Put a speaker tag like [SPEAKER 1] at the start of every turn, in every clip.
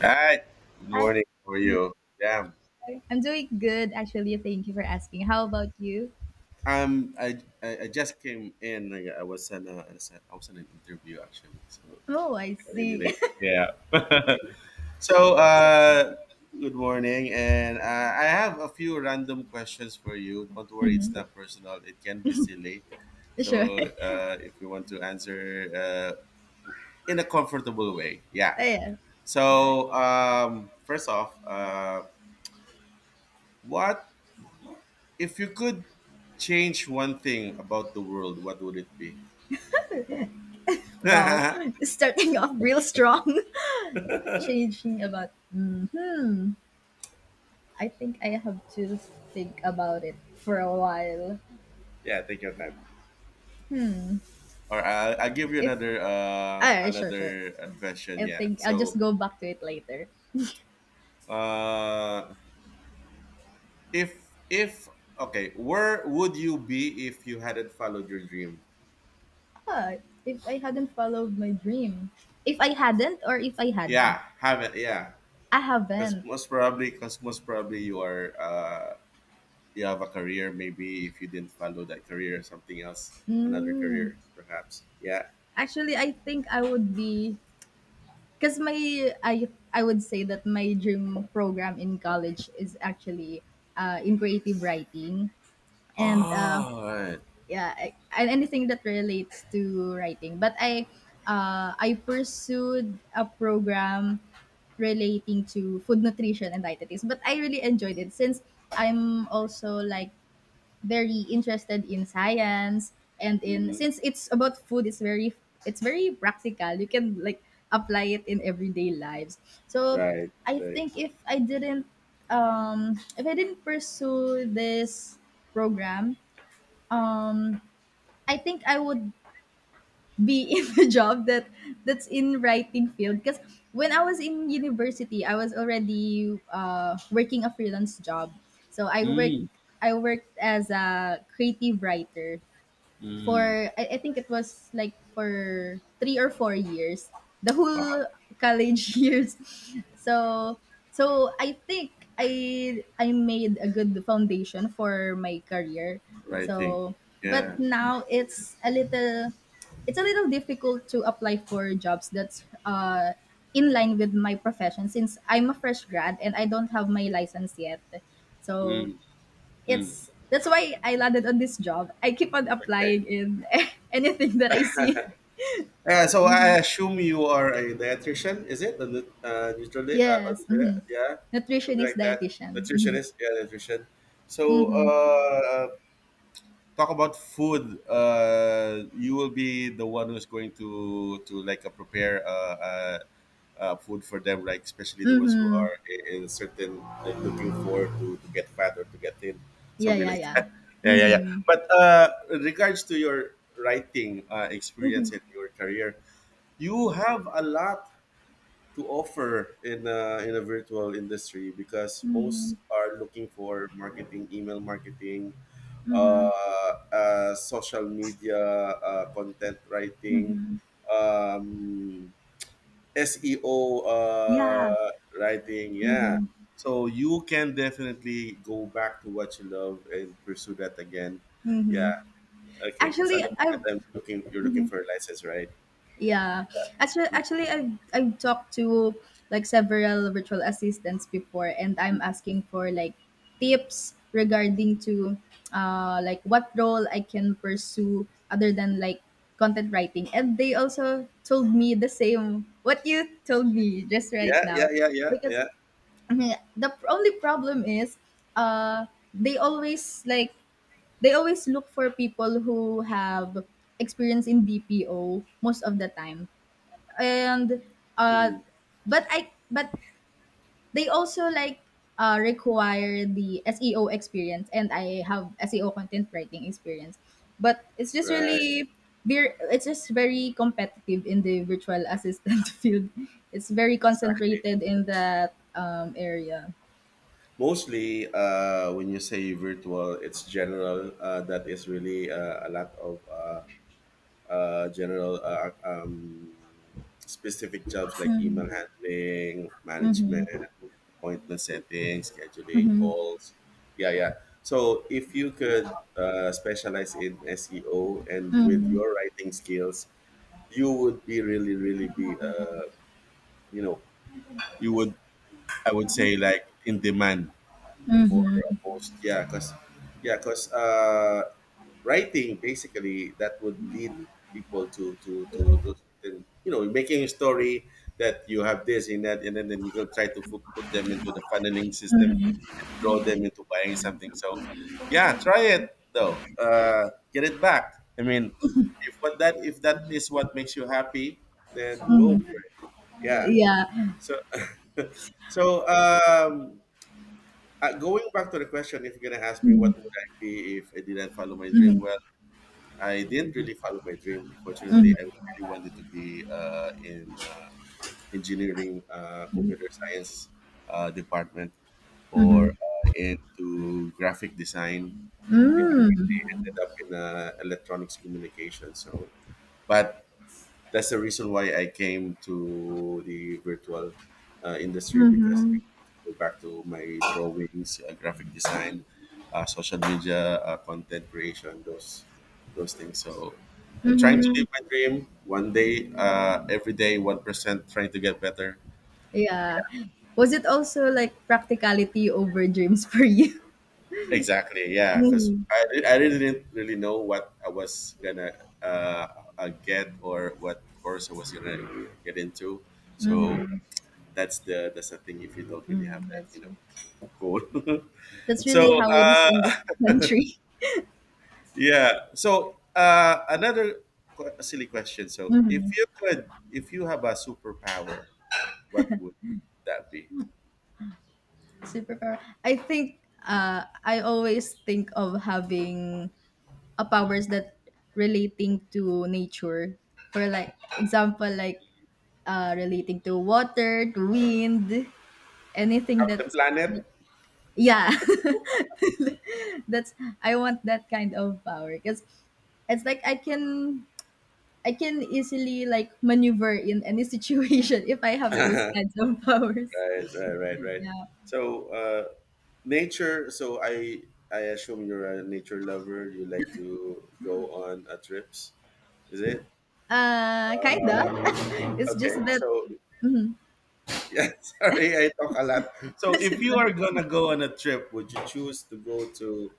[SPEAKER 1] Hi, good
[SPEAKER 2] Hi,
[SPEAKER 1] morning. How are
[SPEAKER 2] Jennifer.
[SPEAKER 1] you? Yeah,
[SPEAKER 2] I'm doing good, actually. Thank you for asking. How about you?
[SPEAKER 1] um, I, I just came in. Like, I was in an interview actually. So
[SPEAKER 2] Oh, I see.
[SPEAKER 1] anyway, yeah. So
[SPEAKER 2] So-
[SPEAKER 1] uh, good morning, and I have a few random questions for you. Don't worry, it's
[SPEAKER 2] Mhm.
[SPEAKER 1] not personal. It can be silly.
[SPEAKER 2] Sure.
[SPEAKER 1] So if you want to answer in a comfortable way, yeah.
[SPEAKER 2] Oh, yeah. Sure.
[SPEAKER 1] So first off, what if you could change one thing about the world, what would it be?
[SPEAKER 2] Wow.
[SPEAKER 1] Yeah,
[SPEAKER 2] Starting off real strong. Changing about. Hmm. I think I have to think about it for a while.
[SPEAKER 1] take your time. Or I'll give you
[SPEAKER 2] If. Ah, yeah, sure, sure.
[SPEAKER 1] another question.
[SPEAKER 2] I
[SPEAKER 1] Yeah.
[SPEAKER 2] think I'll just
[SPEAKER 1] So,
[SPEAKER 2] go back to it later.
[SPEAKER 1] uh, if Okay, where would you be if you hadn't followed your dream?
[SPEAKER 2] Ah, if I hadn't followed my dream. If I hadn't, or if I had.
[SPEAKER 1] Yeah, haven't. Yeah,
[SPEAKER 2] I
[SPEAKER 1] because
[SPEAKER 2] haven't.
[SPEAKER 1] most probably you are you have a career. Maybe if you didn't follow that career, something else, another
[SPEAKER 2] Hmm.
[SPEAKER 1] career, perhaps. Yeah.
[SPEAKER 2] Actually, I think I would be because my I I would say that my dream program in college is actually in creative writing
[SPEAKER 1] Oh,
[SPEAKER 2] and
[SPEAKER 1] all right.
[SPEAKER 2] yeah and anything that relates to writing. But I pursued a program relating to food nutrition and dietetics, but I really enjoyed it since I'm also like very interested in science and in since it's about food it's very practical. You can like apply it in everyday lives. So
[SPEAKER 1] Right,
[SPEAKER 2] I
[SPEAKER 1] right.
[SPEAKER 2] think if I didn't if I didn't pursue this program, um I think I would be in a job that that's in writing field because when I was in university I was already working a freelance job, so
[SPEAKER 1] Mm,
[SPEAKER 2] I worked as a creative writer
[SPEAKER 1] mm.
[SPEAKER 2] for I think it was like for 3 or 4 years, the
[SPEAKER 1] Wow,
[SPEAKER 2] whole college years. So I think I made a good foundation for my career.
[SPEAKER 1] right thing.
[SPEAKER 2] So but
[SPEAKER 1] Yeah.
[SPEAKER 2] now it's a little, it's a little difficult to apply for jobs that's in line with my profession since I'm a fresh grad and I don't have my license yet. So
[SPEAKER 1] Mm, mm.
[SPEAKER 2] it's, that's why I landed on this job. I keep on applying
[SPEAKER 1] Okay.
[SPEAKER 2] in anything that I see.
[SPEAKER 1] So I
[SPEAKER 2] Mhm.
[SPEAKER 1] assume you are a dietitian, is it? A nut- nutrili-
[SPEAKER 2] Yes.
[SPEAKER 1] nutri-
[SPEAKER 2] Mhm.
[SPEAKER 1] Yeah, something
[SPEAKER 2] Nutritionist,
[SPEAKER 1] like that.
[SPEAKER 2] dietitian. Mhm.
[SPEAKER 1] Nutritionist, yeah, nutrition. So
[SPEAKER 2] Mhm.
[SPEAKER 1] talk about food. You will be the one who's going to like prepare food for them, like especially the ones who
[SPEAKER 2] Mhm.
[SPEAKER 1] are in certain like looking to get fat or to get thin,
[SPEAKER 2] Yeah,
[SPEAKER 1] something
[SPEAKER 2] yeah,
[SPEAKER 1] like
[SPEAKER 2] yeah.
[SPEAKER 1] that. Yeah, yeah, yeah.
[SPEAKER 2] Mhm.
[SPEAKER 1] But in regards to your writing
[SPEAKER 2] Mhm.
[SPEAKER 1] experience in your career, you have a lot to offer in a virtual industry because
[SPEAKER 2] Mhm.
[SPEAKER 1] most are looking for marketing, email marketing, uh,
[SPEAKER 2] Mhm.
[SPEAKER 1] social media content writing. Um, SEO
[SPEAKER 2] Yeah.
[SPEAKER 1] writing. Yeah.
[SPEAKER 2] Mhm.
[SPEAKER 1] So you can definitely go back to what you love and pursue that again.
[SPEAKER 2] Mhm.
[SPEAKER 1] Yeah. Okay. Because at
[SPEAKER 2] Actually,
[SPEAKER 1] the moment
[SPEAKER 2] I've,
[SPEAKER 1] you're looking for a license, right?
[SPEAKER 2] yeah. Actually, I've talked to like several virtual assistants before, and I'm asking for like tips regarding to like what role I can pursue other than like content writing. And they also told me the same what you told me just right
[SPEAKER 1] Yeah. Yeah.
[SPEAKER 2] now.
[SPEAKER 1] Yeah. Yeah.
[SPEAKER 2] Because,
[SPEAKER 1] Yeah.
[SPEAKER 2] mhm, the only problem is uh they always like, they always look for people who have experience in BPO most of the time. And uh
[SPEAKER 1] Hmm.
[SPEAKER 2] but I but they also like require the SEO experience, and I have SEO content writing experience, but it's just
[SPEAKER 1] Right.
[SPEAKER 2] really it's just very competitive in the virtual assistant field. It's very
[SPEAKER 1] Exactly.
[SPEAKER 2] concentrated in that area.
[SPEAKER 1] Mostly, when you say virtual, it's general. That is really a lot of general specific jobs like email handling, management,
[SPEAKER 2] Mm-hmm,
[SPEAKER 1] appointment setting, scheduling
[SPEAKER 2] mm-hmm,
[SPEAKER 1] calls. Yeah, yeah. So if you could specialize in SEO and with your writing skills, you would be really, really be, you know, you would, I would say, like in demand for a post. Yeah, because writing basically that would lead people to then, you know, making a story that you have this in that, and then you can try to put them into the funneling system and draw them into buying something. So yeah, try it though. Get it back I mean if that is what makes you happy, then go
[SPEAKER 2] mm-hmm,
[SPEAKER 1] for it. Yeah.
[SPEAKER 2] yeah,
[SPEAKER 1] So so going back to the question, if you're gonna ask me what would I be if I didn't follow my dream, well, I didn't really follow my dream. Unfortunately, I
[SPEAKER 2] mm-hmm,
[SPEAKER 1] really wanted to be in engineering, computer science department,
[SPEAKER 2] mm-hmm,
[SPEAKER 1] or into graphic design. Yeah, I
[SPEAKER 2] mm-hmm,
[SPEAKER 1] ended up in electronics communication. So, but that's the reason why I came to the virtual industry because I
[SPEAKER 2] mm-hmm.
[SPEAKER 1] want to go back to my drawings, graphic design, social media, content creation, those things. So I'm trying to live my
[SPEAKER 2] Mm-hmm.
[SPEAKER 1] dream one day, every day, 1%, trying to get better.
[SPEAKER 2] Yeah, was it also like practicality over dreams for you?
[SPEAKER 1] Exactly, yeah. Because
[SPEAKER 2] Mm.
[SPEAKER 1] I really didn't really know what I was gonna uh, get or what course I was gonna get into. So that's the thing, if you don't really have
[SPEAKER 2] Mm,
[SPEAKER 1] that,
[SPEAKER 2] that's
[SPEAKER 1] you know.
[SPEAKER 2] true.
[SPEAKER 1] Cool.
[SPEAKER 2] That's
[SPEAKER 1] So
[SPEAKER 2] really how it is in this country.
[SPEAKER 1] yeah, so another silly question. So
[SPEAKER 2] Mhm.
[SPEAKER 1] if you have a superpower, what would that be?
[SPEAKER 2] Superpower. I think I always think of having a powers that relating to nature. For like example, like relating to water, to wind, anything
[SPEAKER 1] Captain
[SPEAKER 2] that's
[SPEAKER 1] Planet.
[SPEAKER 2] yeah. That's, I want that kind of power because it's like I can easily like maneuver in any situation if I have those
[SPEAKER 1] Right,
[SPEAKER 2] kinds of powers.
[SPEAKER 1] right, right, right.
[SPEAKER 2] Yeah.
[SPEAKER 1] So nature. So I assume you're a nature lover. You like to go on trips, is it?
[SPEAKER 2] Kinda. It's
[SPEAKER 1] Okay,
[SPEAKER 2] just that
[SPEAKER 1] so yeah. Sorry, I talk a lot. So, if you are gonna go on a trip, would you choose to go to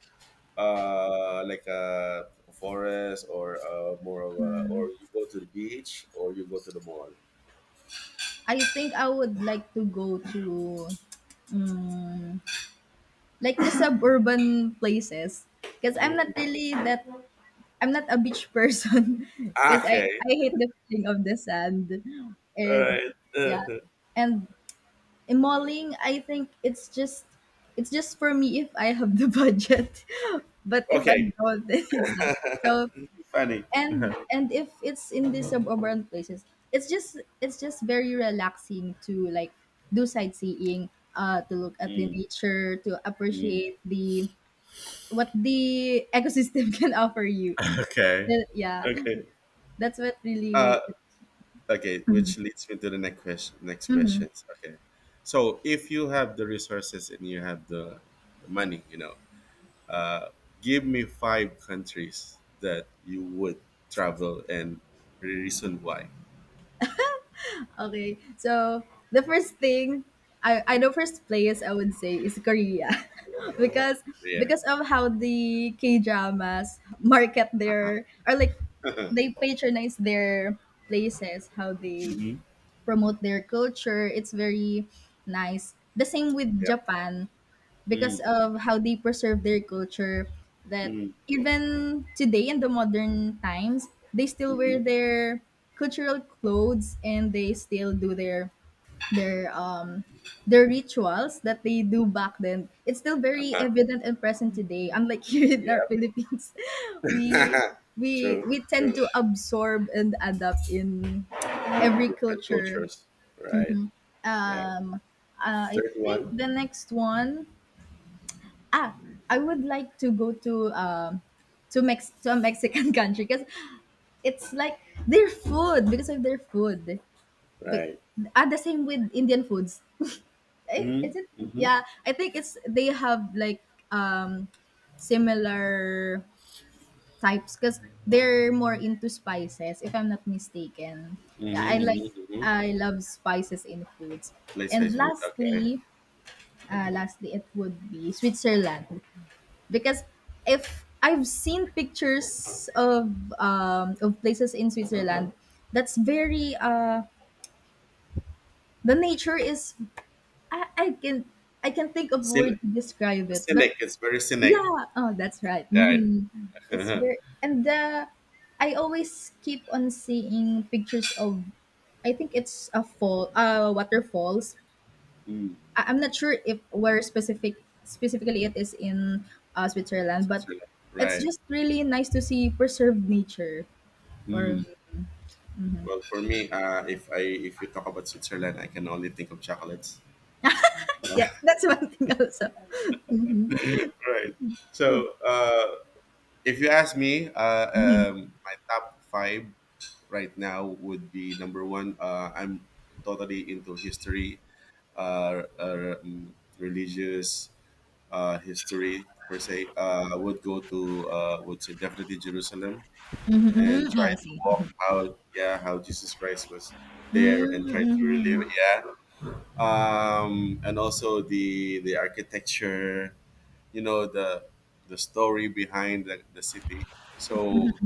[SPEAKER 1] like a forest, or more of a or you go to the beach, or you go to the mall?
[SPEAKER 2] I think I would like to go to, mm, like the suburban places because I'm not
[SPEAKER 1] Mm.
[SPEAKER 2] really that, I'm not a beach person because
[SPEAKER 1] Okay,
[SPEAKER 2] I hate the feeling of the sand.
[SPEAKER 1] all
[SPEAKER 2] And
[SPEAKER 1] right.
[SPEAKER 2] yeah, and in malling I think it's just, it's just for me if I have the budget, but if I
[SPEAKER 1] Okay.
[SPEAKER 2] don't, then it's not. So
[SPEAKER 1] Funny.
[SPEAKER 2] and if it's in these suburban places, it's just, it's just very relaxing to like do sightseeing, to look at the
[SPEAKER 1] Mm,
[SPEAKER 2] nature, to
[SPEAKER 1] mm.
[SPEAKER 2] appreciate the what the ecosystem can offer you.
[SPEAKER 1] Okay,
[SPEAKER 2] The- yeah,
[SPEAKER 1] okay,
[SPEAKER 2] that's what
[SPEAKER 1] uh,
[SPEAKER 2] really.
[SPEAKER 1] okay, which leads me to the next question. Next questions. Okay, so if you have the resources and you have the money, you know, uh, give me five countries that you would travel and reason why.
[SPEAKER 2] Okay, so the first thing, I know, first place I would say is Korea, because
[SPEAKER 1] Yeah.
[SPEAKER 2] because of how the K dramas market
[SPEAKER 1] Uh-huh.
[SPEAKER 2] their or like they patronize their places, how they
[SPEAKER 1] Mm-hmm.
[SPEAKER 2] promote their culture. It's very nice. The same with
[SPEAKER 1] Yep.
[SPEAKER 2] Japan because
[SPEAKER 1] Mm-hmm.
[SPEAKER 2] of how they preserve their culture that even today in the modern times they still wear
[SPEAKER 1] Mm-hmm.
[SPEAKER 2] their cultural clothes, and they still do their their their rituals that they do back then. It's still very
[SPEAKER 1] Uh-huh.
[SPEAKER 2] evident and present today, unlike here in our
[SPEAKER 1] Yep.
[SPEAKER 2] Philippines. we we
[SPEAKER 1] True.
[SPEAKER 2] we tend
[SPEAKER 1] True.
[SPEAKER 2] to absorb and adapt in every
[SPEAKER 1] Different
[SPEAKER 2] culture.
[SPEAKER 1] cultures. Right. Right.
[SPEAKER 2] um uh, I
[SPEAKER 1] Third
[SPEAKER 2] think
[SPEAKER 1] one.
[SPEAKER 2] the next one, ah, I would like to go to Mex to a Mexican country because it's like their food, because of their food. But,
[SPEAKER 1] Right.
[SPEAKER 2] ah, the same with Indian foods.
[SPEAKER 1] Mm.
[SPEAKER 2] Eh,
[SPEAKER 1] Mm-hmm.
[SPEAKER 2] is it?
[SPEAKER 1] Mm-hmm.
[SPEAKER 2] Yeah, I think it's they have like, um similar types because they're more into spices. If I'm not mistaken, yeah,
[SPEAKER 1] Mm-hmm. Mm-hmm.
[SPEAKER 2] I love spices in foods.
[SPEAKER 1] Let's
[SPEAKER 2] And
[SPEAKER 1] Facebook. Okay.
[SPEAKER 2] lastly, it would be Switzerland. Because if I've seen pictures of places in Switzerland, that's very the nature is, I can, I can think of a
[SPEAKER 1] Cyn-
[SPEAKER 2] word to describe it, but
[SPEAKER 1] Cynic. It's very cynic.
[SPEAKER 2] yeah, oh that's right.
[SPEAKER 1] Right.
[SPEAKER 2] Hmm. It's
[SPEAKER 1] Mm.
[SPEAKER 2] very and the, I always keep on seeing pictures of, I think it's a fall, uh, waterfalls. I'm not sure if where specific, specifically it is in Switzerland, but
[SPEAKER 1] Switzerland.
[SPEAKER 2] it's
[SPEAKER 1] Right.
[SPEAKER 2] just really nice to see preserved nature. Or
[SPEAKER 1] Mm. Well, for me, if you talk about Switzerland, I can only think of chocolates.
[SPEAKER 2] yeah, that's one thing also.
[SPEAKER 1] Right. So if you ask me, my top five right now would be number one. I'm totally into history, uh, uh, um, religious history per se. I would go to would say definitely Jerusalem
[SPEAKER 2] Mm-hmm.
[SPEAKER 1] and
[SPEAKER 2] Yeah,
[SPEAKER 1] try
[SPEAKER 2] I
[SPEAKER 1] to
[SPEAKER 2] see.
[SPEAKER 1] walk out. Yeah, how Jesus Christ was there and try to
[SPEAKER 2] Mm-hmm.
[SPEAKER 1] relive. Yeah, and also the architecture, you know, the story behind the city. So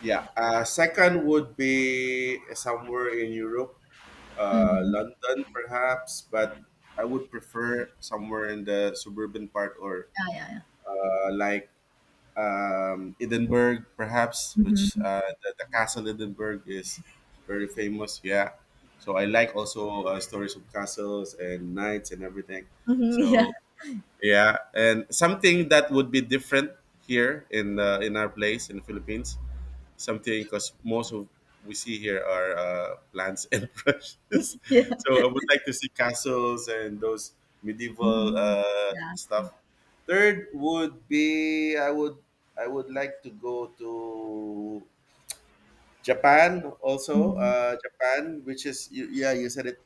[SPEAKER 1] yeah, second would be somewhere in Europe,
[SPEAKER 2] Mm-hmm.
[SPEAKER 1] London perhaps, but I would prefer somewhere in the suburban part, or
[SPEAKER 2] Yeah, yeah, yeah.
[SPEAKER 1] uh, like Edinburgh, perhaps, which
[SPEAKER 2] Mm-hmm.
[SPEAKER 1] the castle Edinburgh is very famous. Yeah, so I like also stories of castles and knights and everything.
[SPEAKER 2] Mm-hmm. Yeah,
[SPEAKER 1] So yeah, and something that would be different here in our place in the Philippines. Something, because most of we see here are plants and brushes.
[SPEAKER 2] yeah.
[SPEAKER 1] So I would like to see castles and those medieval
[SPEAKER 2] Mm-hmm. Yeah.
[SPEAKER 1] stuff. Third would be, I would like to go to
[SPEAKER 2] Mm-hmm. Mm-hmm.
[SPEAKER 1] Japan, which is you, yeah, you said it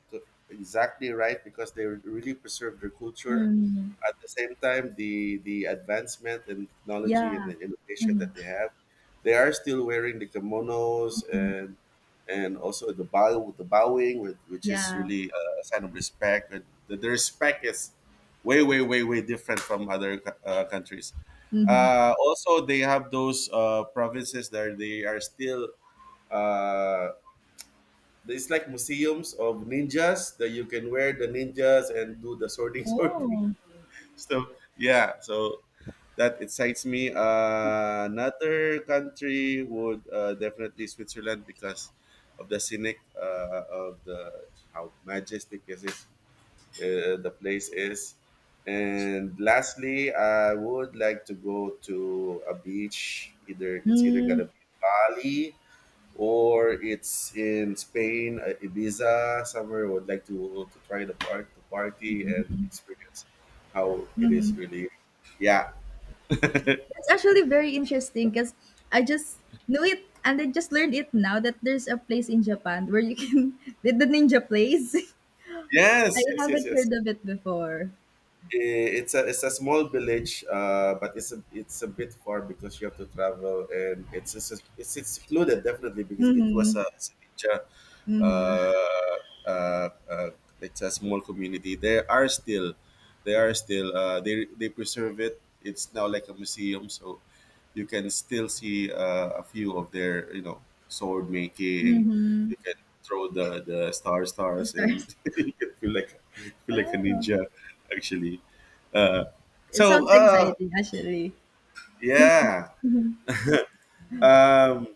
[SPEAKER 1] exactly right, because they really preserve their culture. At the same time, the advancement in
[SPEAKER 2] Yeah.
[SPEAKER 1] technology and the innovation
[SPEAKER 2] Mm-hmm.
[SPEAKER 1] that they have, they are still wearing the kimonos, and also the bow with the bowing, which is
[SPEAKER 2] Yeah.
[SPEAKER 1] really a sign of respect. And the respect is way different from other countries.
[SPEAKER 2] Mm-hmm.
[SPEAKER 1] Also, they have those provinces that they are still uh, it's like museums of ninjas, that you can wear the ninjas and do the sorting sorting
[SPEAKER 2] Oh.
[SPEAKER 1] so yeah, so that excites me. Another country would definitely Switzerland because of the scenic of the how majestic is it, the place is. And lastly, I would like to go to a beach, either it's either gonna
[SPEAKER 2] Mm-hmm.
[SPEAKER 1] be Bali or it's in Spain, Ibiza, somewhere I would like to try the part to party and experience how it is really. Yeah.
[SPEAKER 2] It's actually very interesting because I just knew it, and I just learned it now that there's a place in Japan where you can the ninja place. I
[SPEAKER 1] Yes. Yes. Yes.
[SPEAKER 2] haven't heard
[SPEAKER 1] Yes.
[SPEAKER 2] of it before.
[SPEAKER 1] Eh, it's a it's a small village, but it's a bit far because you have to travel, and it's secluded, definitely, because it was
[SPEAKER 2] Mm-hmm.
[SPEAKER 1] a it's a uh, uh, uh, it's a small community. They are still they preserve it. It's now like a museum, so you can still see a few of their, you know, sword making. You can throw the star stars, and
[SPEAKER 2] Stars.
[SPEAKER 1] you can feel like a
[SPEAKER 2] Oh,
[SPEAKER 1] ninja actually. Uh,
[SPEAKER 2] it
[SPEAKER 1] so
[SPEAKER 2] sounds
[SPEAKER 1] uh,
[SPEAKER 2] exciting actually.
[SPEAKER 1] yeah. Um,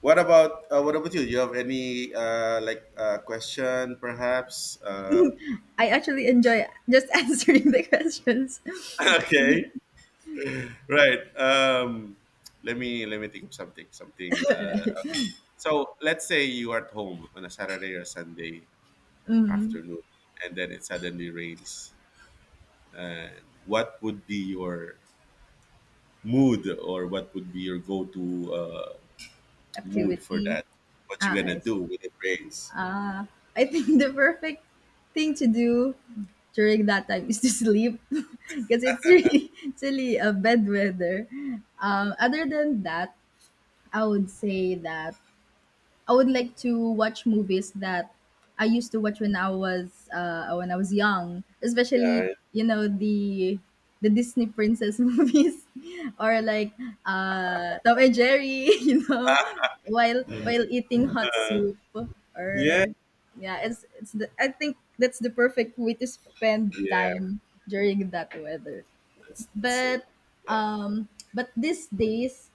[SPEAKER 1] what about you? Do you have any question perhaps?
[SPEAKER 2] I actually enjoy just answering the questions.
[SPEAKER 1] Okay, right. Let me think of something. Something. So let's say you are at home on a Saturday or Sunday afternoon, and then it suddenly rains. And what would be your mood, or what would be your go-to mood for
[SPEAKER 2] Activity.
[SPEAKER 1] that? What you
[SPEAKER 2] Ah,
[SPEAKER 1] gonna
[SPEAKER 2] I see.
[SPEAKER 1] do when it rains?
[SPEAKER 2] I think the perfect thing to do during that time is to sleep because it's really, it's really a bad weather. Other than that, I would say that I would like to watch movies that I used to watch when I was young, especially
[SPEAKER 1] Yeah,
[SPEAKER 2] you know the Disney princess movies, or like Tom and Jerry, you know, while eating hot soup
[SPEAKER 1] yeah,
[SPEAKER 2] or yeah, it's the, I think that's the perfect way to spend
[SPEAKER 1] yeah.
[SPEAKER 2] time during that weather.
[SPEAKER 1] That's so.
[SPEAKER 2] But,
[SPEAKER 1] Yeah.
[SPEAKER 2] but these days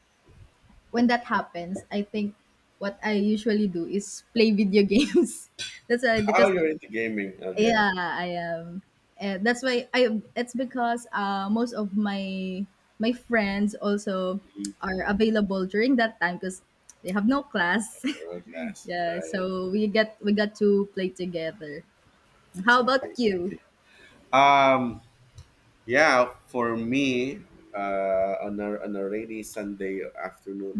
[SPEAKER 2] when that happens, I think what I usually do is play video games. That's why, because
[SPEAKER 1] Oh, you're into gaming. Okay.
[SPEAKER 2] yeah, I am. That's why I. It's because most of my my friends also are available during that time because they have no class.
[SPEAKER 1] Or Glass.
[SPEAKER 2] Yeah,
[SPEAKER 1] Right.
[SPEAKER 2] so we got to play together. How
[SPEAKER 1] Exactly,
[SPEAKER 2] about you?
[SPEAKER 1] exactly. Um. Yeah. For me, on a rainy Sunday afternoon,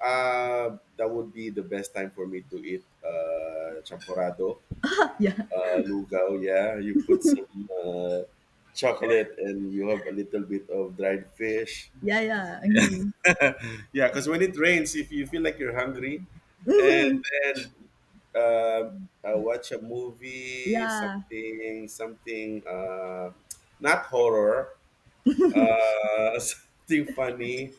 [SPEAKER 1] that would be the best time for me to eat champorado.
[SPEAKER 2] Yeah,
[SPEAKER 1] Uh, lugao. Yeah, you put some uh, chocolate, and you have a little bit of dried fish.
[SPEAKER 2] yeah, yeah, mhm.
[SPEAKER 1] Yeah, because when it rains, if you feel like you're hungry, and then uh, I watch a movie,
[SPEAKER 2] Yeah.
[SPEAKER 1] something, not horror, something funny.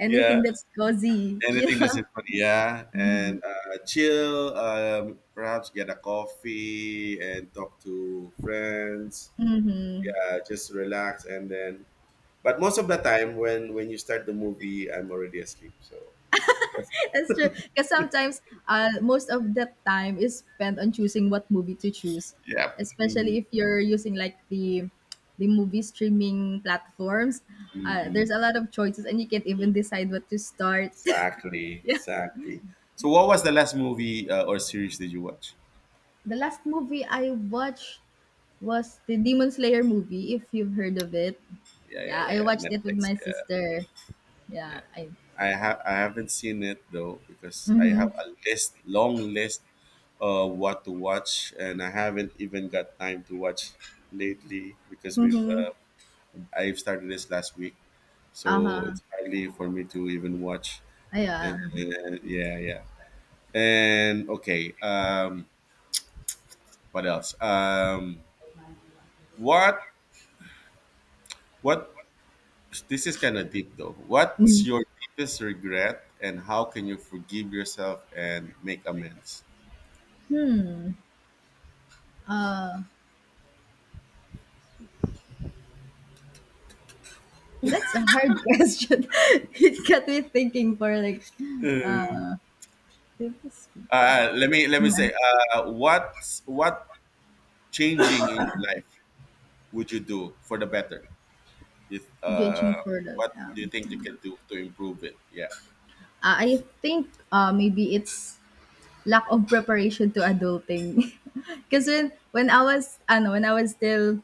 [SPEAKER 2] Anything
[SPEAKER 1] Yeah,
[SPEAKER 2] that's cozy. Yeah.
[SPEAKER 1] anything that's in front, yeah, and chill. Perhaps get a coffee and talk to friends. Yeah, just relax and then. But most of the time, when you start the movie, I'm already asleep. So that's
[SPEAKER 2] That's true. Because sometimes, most of that time is spent on choosing what movie to choose,
[SPEAKER 1] yeah.
[SPEAKER 2] especially
[SPEAKER 1] Mhm,
[SPEAKER 2] if you're using like the movie streaming platforms.
[SPEAKER 1] mhm.
[SPEAKER 2] There's a lot of choices, and you can't even decide what to start.
[SPEAKER 1] Exactly,
[SPEAKER 2] Yeah,
[SPEAKER 1] exactly. So, what was the last movie or series did you watch?
[SPEAKER 2] the last movie I watched was the Demon Slayer movie. If you've heard of it,
[SPEAKER 1] Yeah, yeah,
[SPEAKER 2] yeah,
[SPEAKER 1] yeah,
[SPEAKER 2] I
[SPEAKER 1] yeah.
[SPEAKER 2] watched it with
[SPEAKER 1] Netflix.
[SPEAKER 2] my
[SPEAKER 1] Yeah.
[SPEAKER 2] sister.
[SPEAKER 1] Yeah.
[SPEAKER 2] Yeah, I.
[SPEAKER 1] I haven't seen it though because I have a list, long list, of what to watch, and I haven't even got time to watch lately because we've
[SPEAKER 2] Mm-hmm.
[SPEAKER 1] I've started this last week,
[SPEAKER 2] Uh
[SPEAKER 1] so
[SPEAKER 2] huh.
[SPEAKER 1] it's hardly for me to even watch.
[SPEAKER 2] Yeah.
[SPEAKER 1] And- yeah, yeah. And okay, what else? What what? This is kind of deep though. What's your deepest regret, and how can you forgive yourself and make amends?
[SPEAKER 2] Uh, that's a hard question. It got me thinking for like biggest
[SPEAKER 1] Uh,
[SPEAKER 2] regret.
[SPEAKER 1] uh, let me let
[SPEAKER 2] Yeah.
[SPEAKER 1] me say, what changing in your life would you do for the better? If,
[SPEAKER 2] Judging for the,
[SPEAKER 1] what do you think you can do to improve it? Yeah.
[SPEAKER 2] I think maybe it's lack of preparation to adulting. Because when I was ano when I was still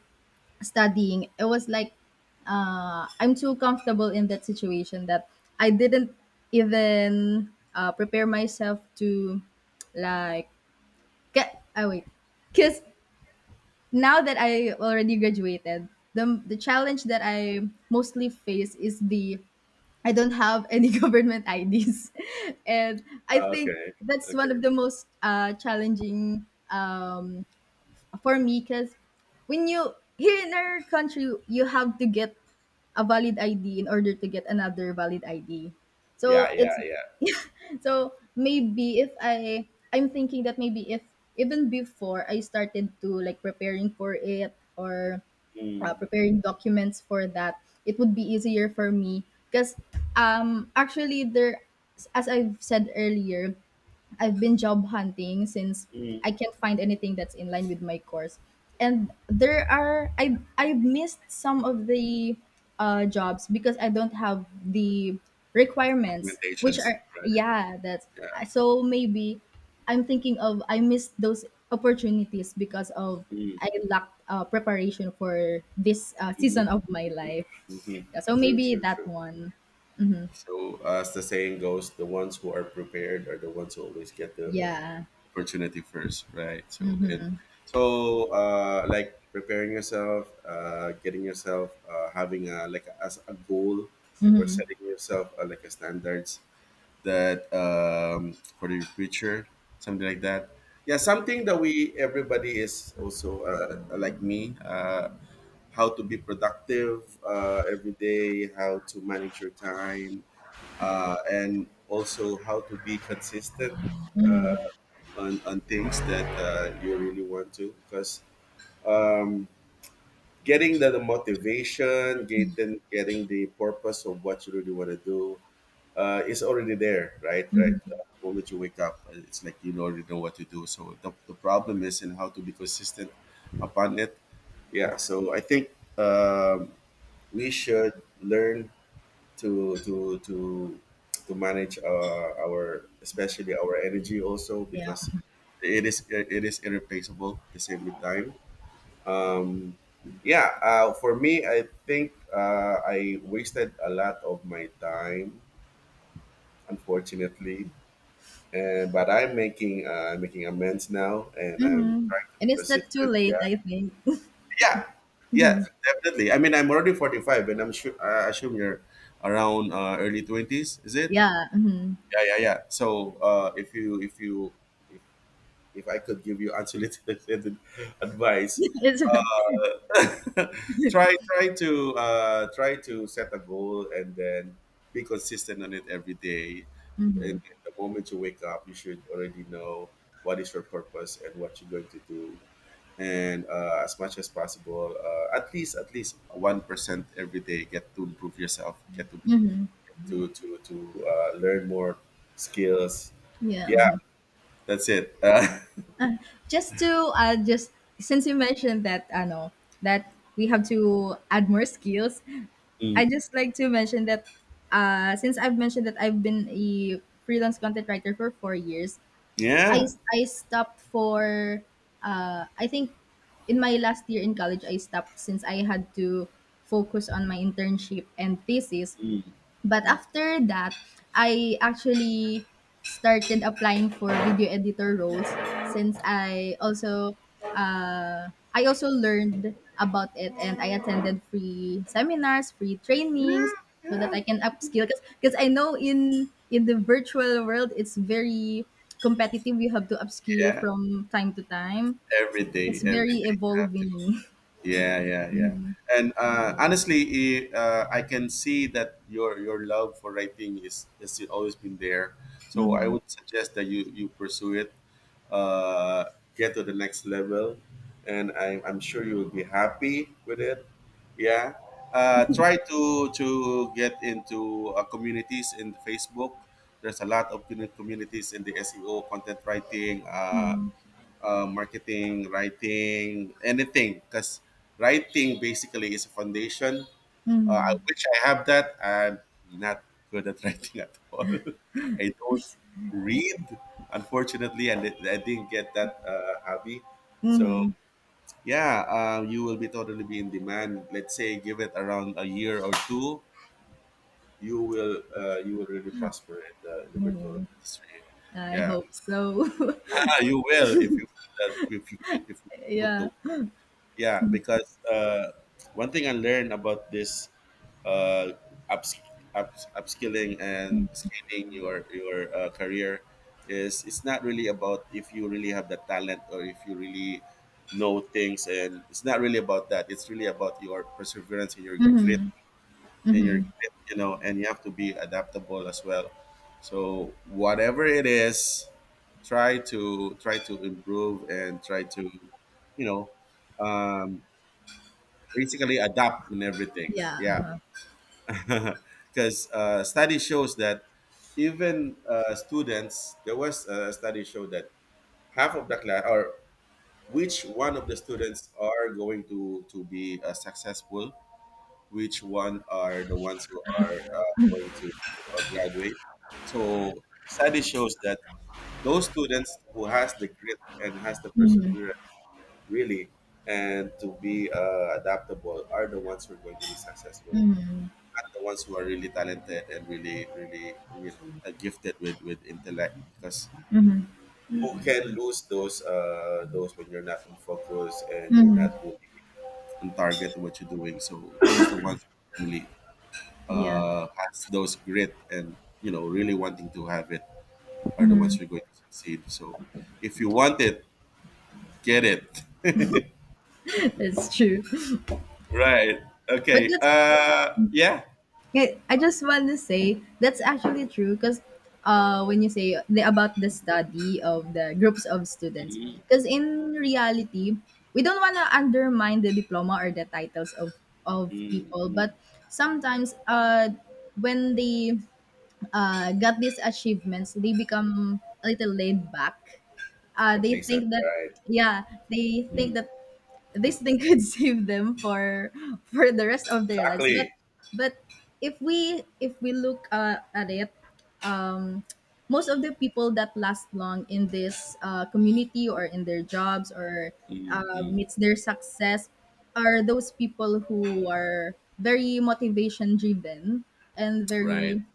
[SPEAKER 2] studying, it was like I'm too comfortable in that situation that I didn't even prepare myself to like get. I wait. Because now that I already graduated, the challenge that I mostly face is the, I don't have any government IDs, and I think
[SPEAKER 1] Okay.
[SPEAKER 2] that's one
[SPEAKER 1] Okay.
[SPEAKER 2] of the most challenging, um, for me, because when you here in our country you have to get a valid ID in order to get another valid ID. So
[SPEAKER 1] Yeah. Yeah.
[SPEAKER 2] it's,
[SPEAKER 1] Yeah.
[SPEAKER 2] so maybe if I'm thinking that maybe if even before I started to like preparing for it, or
[SPEAKER 1] Mm.
[SPEAKER 2] preparing documents for that, it would be easier for me because, actually there, as I've said earlier, I've been job hunting since
[SPEAKER 1] Mm.
[SPEAKER 2] I can't find anything that's in line with my course. And there are, I've missed some of the jobs because I don't have the requirements, which
[SPEAKER 1] Documentations.
[SPEAKER 2] are,
[SPEAKER 1] Right.
[SPEAKER 2] yeah, that's.
[SPEAKER 1] Yeah.
[SPEAKER 2] So maybe I'm thinking of, I missed those opportunities because of
[SPEAKER 1] Mm.
[SPEAKER 2] I lacked preparation for this season of
[SPEAKER 1] Mm-hmm.
[SPEAKER 2] my life. Yeah, so
[SPEAKER 1] Mm-hmm. True.
[SPEAKER 2] maybe
[SPEAKER 1] True.
[SPEAKER 2] that
[SPEAKER 1] True.
[SPEAKER 2] one.
[SPEAKER 1] So, as the saying goes, the ones who are prepared are the ones who always get the
[SPEAKER 2] Yeah.
[SPEAKER 1] opportunity first, right? So like preparing yourself, getting yourself, having a like a, as a goal, or setting yourself like a standards that for your future, something like that. Yeah, something that we everybody is also like me. How to be productive every day, how to manage your time, and also how to be consistent uh,
[SPEAKER 2] Mhm.
[SPEAKER 1] on things that you really want to because um, getting the motivation getting getting the purpose of what you really want to do is already there,
[SPEAKER 2] Mhm.
[SPEAKER 1] the moment you wake up it's like you already know what to do. So the problem is in how to be consistent upon it. Yeah, so I think um, we should learn to to to to manage our, especially our energy, also, because it is irreplaceable, at the same with time. um yeah for me, I think I wasted a lot of my time, unfortunately, and but I'm making making amends now, and I'm
[SPEAKER 2] Mhm.
[SPEAKER 1] trying to
[SPEAKER 2] And
[SPEAKER 1] be
[SPEAKER 2] it's not too
[SPEAKER 1] consistent.
[SPEAKER 2] late,
[SPEAKER 1] Yeah,
[SPEAKER 2] I think.
[SPEAKER 1] yeah, yeah.
[SPEAKER 2] Mhm.
[SPEAKER 1] Definitely. I mean, I'm already 45, and I'm sure, I assume you're around early twenties, is it?
[SPEAKER 2] Yeah. Mhm.
[SPEAKER 1] Yeah, yeah, yeah. So if you, if, if I could give you unsolicited advice,
[SPEAKER 2] It's right.
[SPEAKER 1] try to set a goal and then be consistent on it every day. And
[SPEAKER 2] Mhm.
[SPEAKER 1] the moment you wake up you should already know what is your purpose and what you're going to do. And as much as possible, at least 1% every day, get to improve yourself, get to learn more skills.
[SPEAKER 2] Yeah.
[SPEAKER 1] Yeah,
[SPEAKER 2] Mhm.
[SPEAKER 1] that's it.
[SPEAKER 2] Just to just since you mentioned that, I know that we have to add more skills. I
[SPEAKER 1] Mm,
[SPEAKER 2] just like to mention that, since I've mentioned that I've been a freelance content writer for 4 years, I
[SPEAKER 1] yeah,
[SPEAKER 2] I stopped for, I think in my last year in college I stopped since I had to focus on my internship and thesis.
[SPEAKER 1] mm,
[SPEAKER 2] But
[SPEAKER 1] mm.
[SPEAKER 2] after that, I actually started applying for video editor roles since I also, I also learned about it and I attended free seminars, free
[SPEAKER 1] Yeah,
[SPEAKER 2] trainings so that
[SPEAKER 1] yeah,
[SPEAKER 2] I can upskill, because I know in the virtual world it's very competitive. You have to upskill
[SPEAKER 1] yeah.
[SPEAKER 2] from time to time.
[SPEAKER 1] Every day,
[SPEAKER 2] It's
[SPEAKER 1] every
[SPEAKER 2] very
[SPEAKER 1] day. You have to.
[SPEAKER 2] evolving.
[SPEAKER 1] Yeah, yeah, yeah.
[SPEAKER 2] Mhm.
[SPEAKER 1] And honestly, I can see that your love for writing is has always been there. So I
[SPEAKER 2] Mhm.
[SPEAKER 1] would suggest that you pursue it. uh, get to the next level, and I'm sure you will be happy with it. Yeah. Try to get into communities in Facebook. There's a lot of communities in the SEO content writing, marketing writing, anything, because writing basically is a foundation. I wish I have that. I'm not good at writing at all. I don't read, unfortunately, and I didn't get that hobby. So
[SPEAKER 2] Mhm.
[SPEAKER 1] yeah, you will be totally be in demand. Let's say give it around a year or two, you will really prosper in in the virtual
[SPEAKER 2] Mhm.
[SPEAKER 1] industry.
[SPEAKER 2] I
[SPEAKER 1] Yeah,
[SPEAKER 2] hope so.
[SPEAKER 1] you will, if you put that, if you put the
[SPEAKER 2] Yeah.
[SPEAKER 1] work. Yeah, because one thing I learned about this uh, ups, upskilling and scaling your career is it's not really about if you really have the talent or if you really know things, and it's not really about that. It's really about your perseverance and your grit, you know, and you have to be adaptable as well. So whatever it is, try to improve and try to, you know. Um, basically adapt and everything.
[SPEAKER 2] Yeah,
[SPEAKER 1] Yeah,
[SPEAKER 2] uh-huh.
[SPEAKER 1] because study shows that even students, there was a study show that half of the class, or which one of the students are going to be successful, which one are the ones who are going to graduate. So study shows that those students who has the grit and has the
[SPEAKER 2] Mm,
[SPEAKER 1] perseverance really, and to be adaptable, are the ones who are going to be successful, at the ones who are really talented and really, really, you know, are gifted with intellect. Because who can lose those when you're not in focus and you're not
[SPEAKER 2] mhm,
[SPEAKER 1] really on target to what you're doing? So those the ones who really
[SPEAKER 2] yeah,
[SPEAKER 1] has those grit and, you know, really wanting to have it, are the ones
[SPEAKER 2] mhm.
[SPEAKER 1] who are going to succeed. So if you want it, get it.
[SPEAKER 2] That's true.
[SPEAKER 1] Right.
[SPEAKER 2] But
[SPEAKER 1] Okay.
[SPEAKER 2] that's,
[SPEAKER 1] Yeah.
[SPEAKER 2] I just want to say that's actually true because when you say the, about the study of the groups of students,
[SPEAKER 1] Mm-hmm.
[SPEAKER 2] because in reality we don't want to undermine the diploma or the titles of people,
[SPEAKER 1] Mm-hmm.
[SPEAKER 2] but sometimes when they got these achievements, they become a little laid back. Uh, they
[SPEAKER 1] Complacent.
[SPEAKER 2] think that,
[SPEAKER 1] Right.
[SPEAKER 2] yeah, they think
[SPEAKER 1] Mm.
[SPEAKER 2] that this thing could save them for the rest of their lives,
[SPEAKER 1] Exactly.
[SPEAKER 2] but if we look at it, um most of the people that last long in this community or in their jobs or
[SPEAKER 1] Mm, mm,
[SPEAKER 2] meets their success are those people who are very motivation driven and
[SPEAKER 1] right,
[SPEAKER 2] very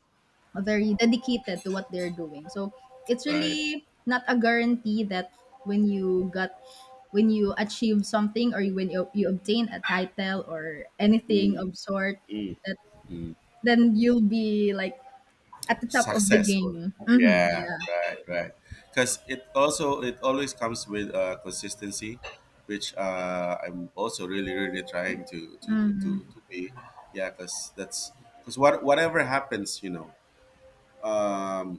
[SPEAKER 2] very dedicated to what they're doing. So it's
[SPEAKER 1] right.
[SPEAKER 2] really not a guarantee that when you got when you achieve something or when you obtain a title or anything
[SPEAKER 1] Mm,
[SPEAKER 2] of sort,
[SPEAKER 1] mm,
[SPEAKER 2] that
[SPEAKER 1] mm.
[SPEAKER 2] then you'll be like at the top of the
[SPEAKER 1] Successful.
[SPEAKER 2] game. Mm-hmm,
[SPEAKER 1] Yeah,
[SPEAKER 2] yeah,
[SPEAKER 1] right, right. Because it also it always comes with consistency, which I'm also really really trying to
[SPEAKER 2] mm-hmm,
[SPEAKER 1] be. Yeah, because that's because whatever happens, you know, um,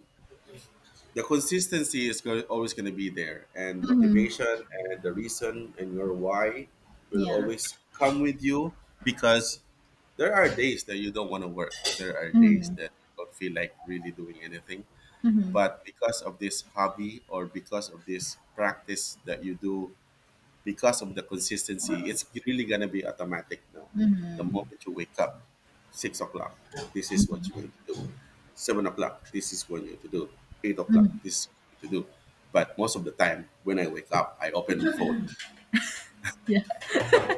[SPEAKER 1] the consistency is always going to be there, and
[SPEAKER 2] mm-hmm,
[SPEAKER 1] motivation and the reason and your why will
[SPEAKER 2] yeah,
[SPEAKER 1] always come with you because there are days that you don't want to work, there are days
[SPEAKER 2] mm-hmm,
[SPEAKER 1] that you don't feel like really doing anything,
[SPEAKER 2] mm-hmm,
[SPEAKER 1] but because of this hobby or because of this practice that you do, because of the consistency, it's really gonna be automatic now. The moment you wake up, 6 o'clock, this is what you're going to do. 7 o'clock, this is what you're going to do. 8 o'clock, this is what you're going to do. But most of the time, when I wake up, I open my phone.
[SPEAKER 2] yeah.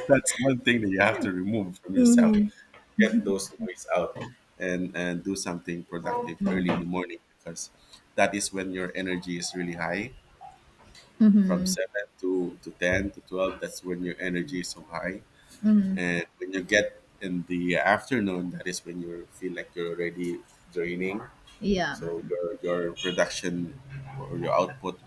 [SPEAKER 1] That's one thing that you have to remove from yourself.
[SPEAKER 2] Mm-hmm.
[SPEAKER 1] Get those noise out and do something productive early in the morning because that is when your energy is really high. From
[SPEAKER 2] Mm-hmm.
[SPEAKER 1] seven to 10 to 12, that's when your energy is so high, and when you get in the afternoon, that is when you feel like you're already draining.
[SPEAKER 2] Yeah,
[SPEAKER 1] So
[SPEAKER 2] mm,
[SPEAKER 1] your production or your output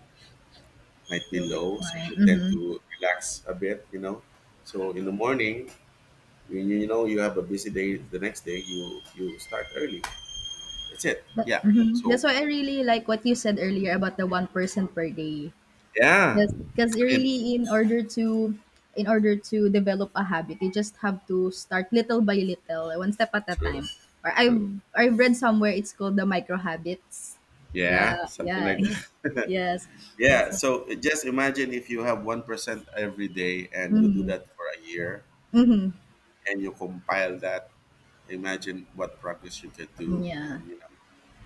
[SPEAKER 1] might
[SPEAKER 2] will
[SPEAKER 1] be low, so
[SPEAKER 2] decline.
[SPEAKER 1] you tend
[SPEAKER 2] Mm-hmm.
[SPEAKER 1] to relax a bit, you know. So in the morning, when you know you have a busy day the next day, you start early. That's it.
[SPEAKER 2] But,
[SPEAKER 1] Yeah,
[SPEAKER 2] mhm,
[SPEAKER 1] so
[SPEAKER 2] that's why I really like what you said earlier about the one person per day.
[SPEAKER 1] yeah,
[SPEAKER 2] Yes, because
[SPEAKER 1] I mean,
[SPEAKER 2] really in order to, in order to develop a habit, you just have to start little by little, one step at a
[SPEAKER 1] true,
[SPEAKER 2] time. Or I've
[SPEAKER 1] true.
[SPEAKER 2] I've read somewhere it's called the micro habits. The
[SPEAKER 1] Yeah, something
[SPEAKER 2] yeah,
[SPEAKER 1] like that.
[SPEAKER 2] yes. That's
[SPEAKER 1] Yeah,
[SPEAKER 2] a-.
[SPEAKER 1] so just imagine if you have 1% every day and you do that for a year,
[SPEAKER 2] Mhm.
[SPEAKER 1] and you compile that, imagine what progress you could do,
[SPEAKER 2] Yeah.
[SPEAKER 1] and you know.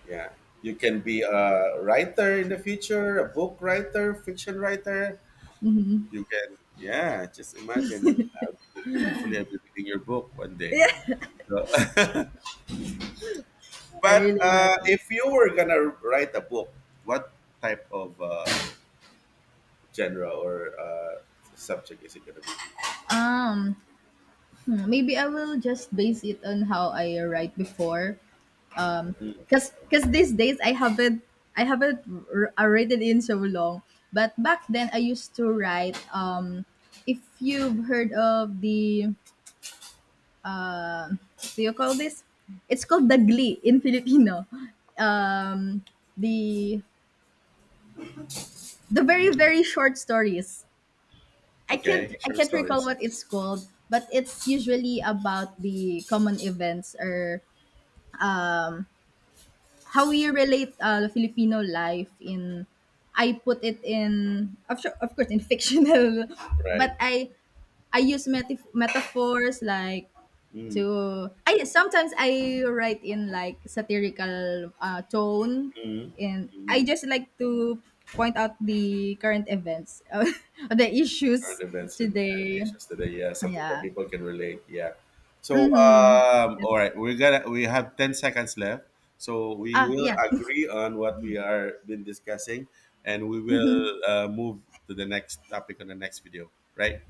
[SPEAKER 1] Yeah, you can be a writer in the future, a book writer, fiction writer. You can, yeah, just imagine, and hopefully I'll be reading your book one day. So,
[SPEAKER 2] I
[SPEAKER 1] but
[SPEAKER 2] really like it.
[SPEAKER 1] if you were gonna write a book, what type of genre or subject is it gonna be?
[SPEAKER 2] Um, hmm, maybe I will just base it on how I write before.
[SPEAKER 1] Mm.
[SPEAKER 2] Cause, cause these days I haven't, I haven't written in so long. But back then I used to write. If you've heard of the, do you call this? It's called dagli in Filipino. Um, the the very very short stories. I can't,
[SPEAKER 1] Okay,
[SPEAKER 2] I
[SPEAKER 1] short
[SPEAKER 2] can't recall
[SPEAKER 1] stories.
[SPEAKER 2] what it's called, but it's usually about the common events or, um, how we relate the Filipino life in. I put it in of, sure, of course in fictional,
[SPEAKER 1] Right.
[SPEAKER 2] but I use metaphors like to, I sometimes I write in like satirical tone,
[SPEAKER 1] Mm-hmm.
[SPEAKER 2] and I just like to point out the current events the issues
[SPEAKER 1] Carnivals in
[SPEAKER 2] today,
[SPEAKER 1] nations today. Yeah, something that
[SPEAKER 2] yeah.
[SPEAKER 1] people can relate. Yeah. So,
[SPEAKER 2] That's-.
[SPEAKER 1] all right, we have 10 seconds left. So we
[SPEAKER 2] Ah,
[SPEAKER 1] will
[SPEAKER 2] yeah.
[SPEAKER 1] agree on what we are been discussing, and we will move to the next topic on the next video, right?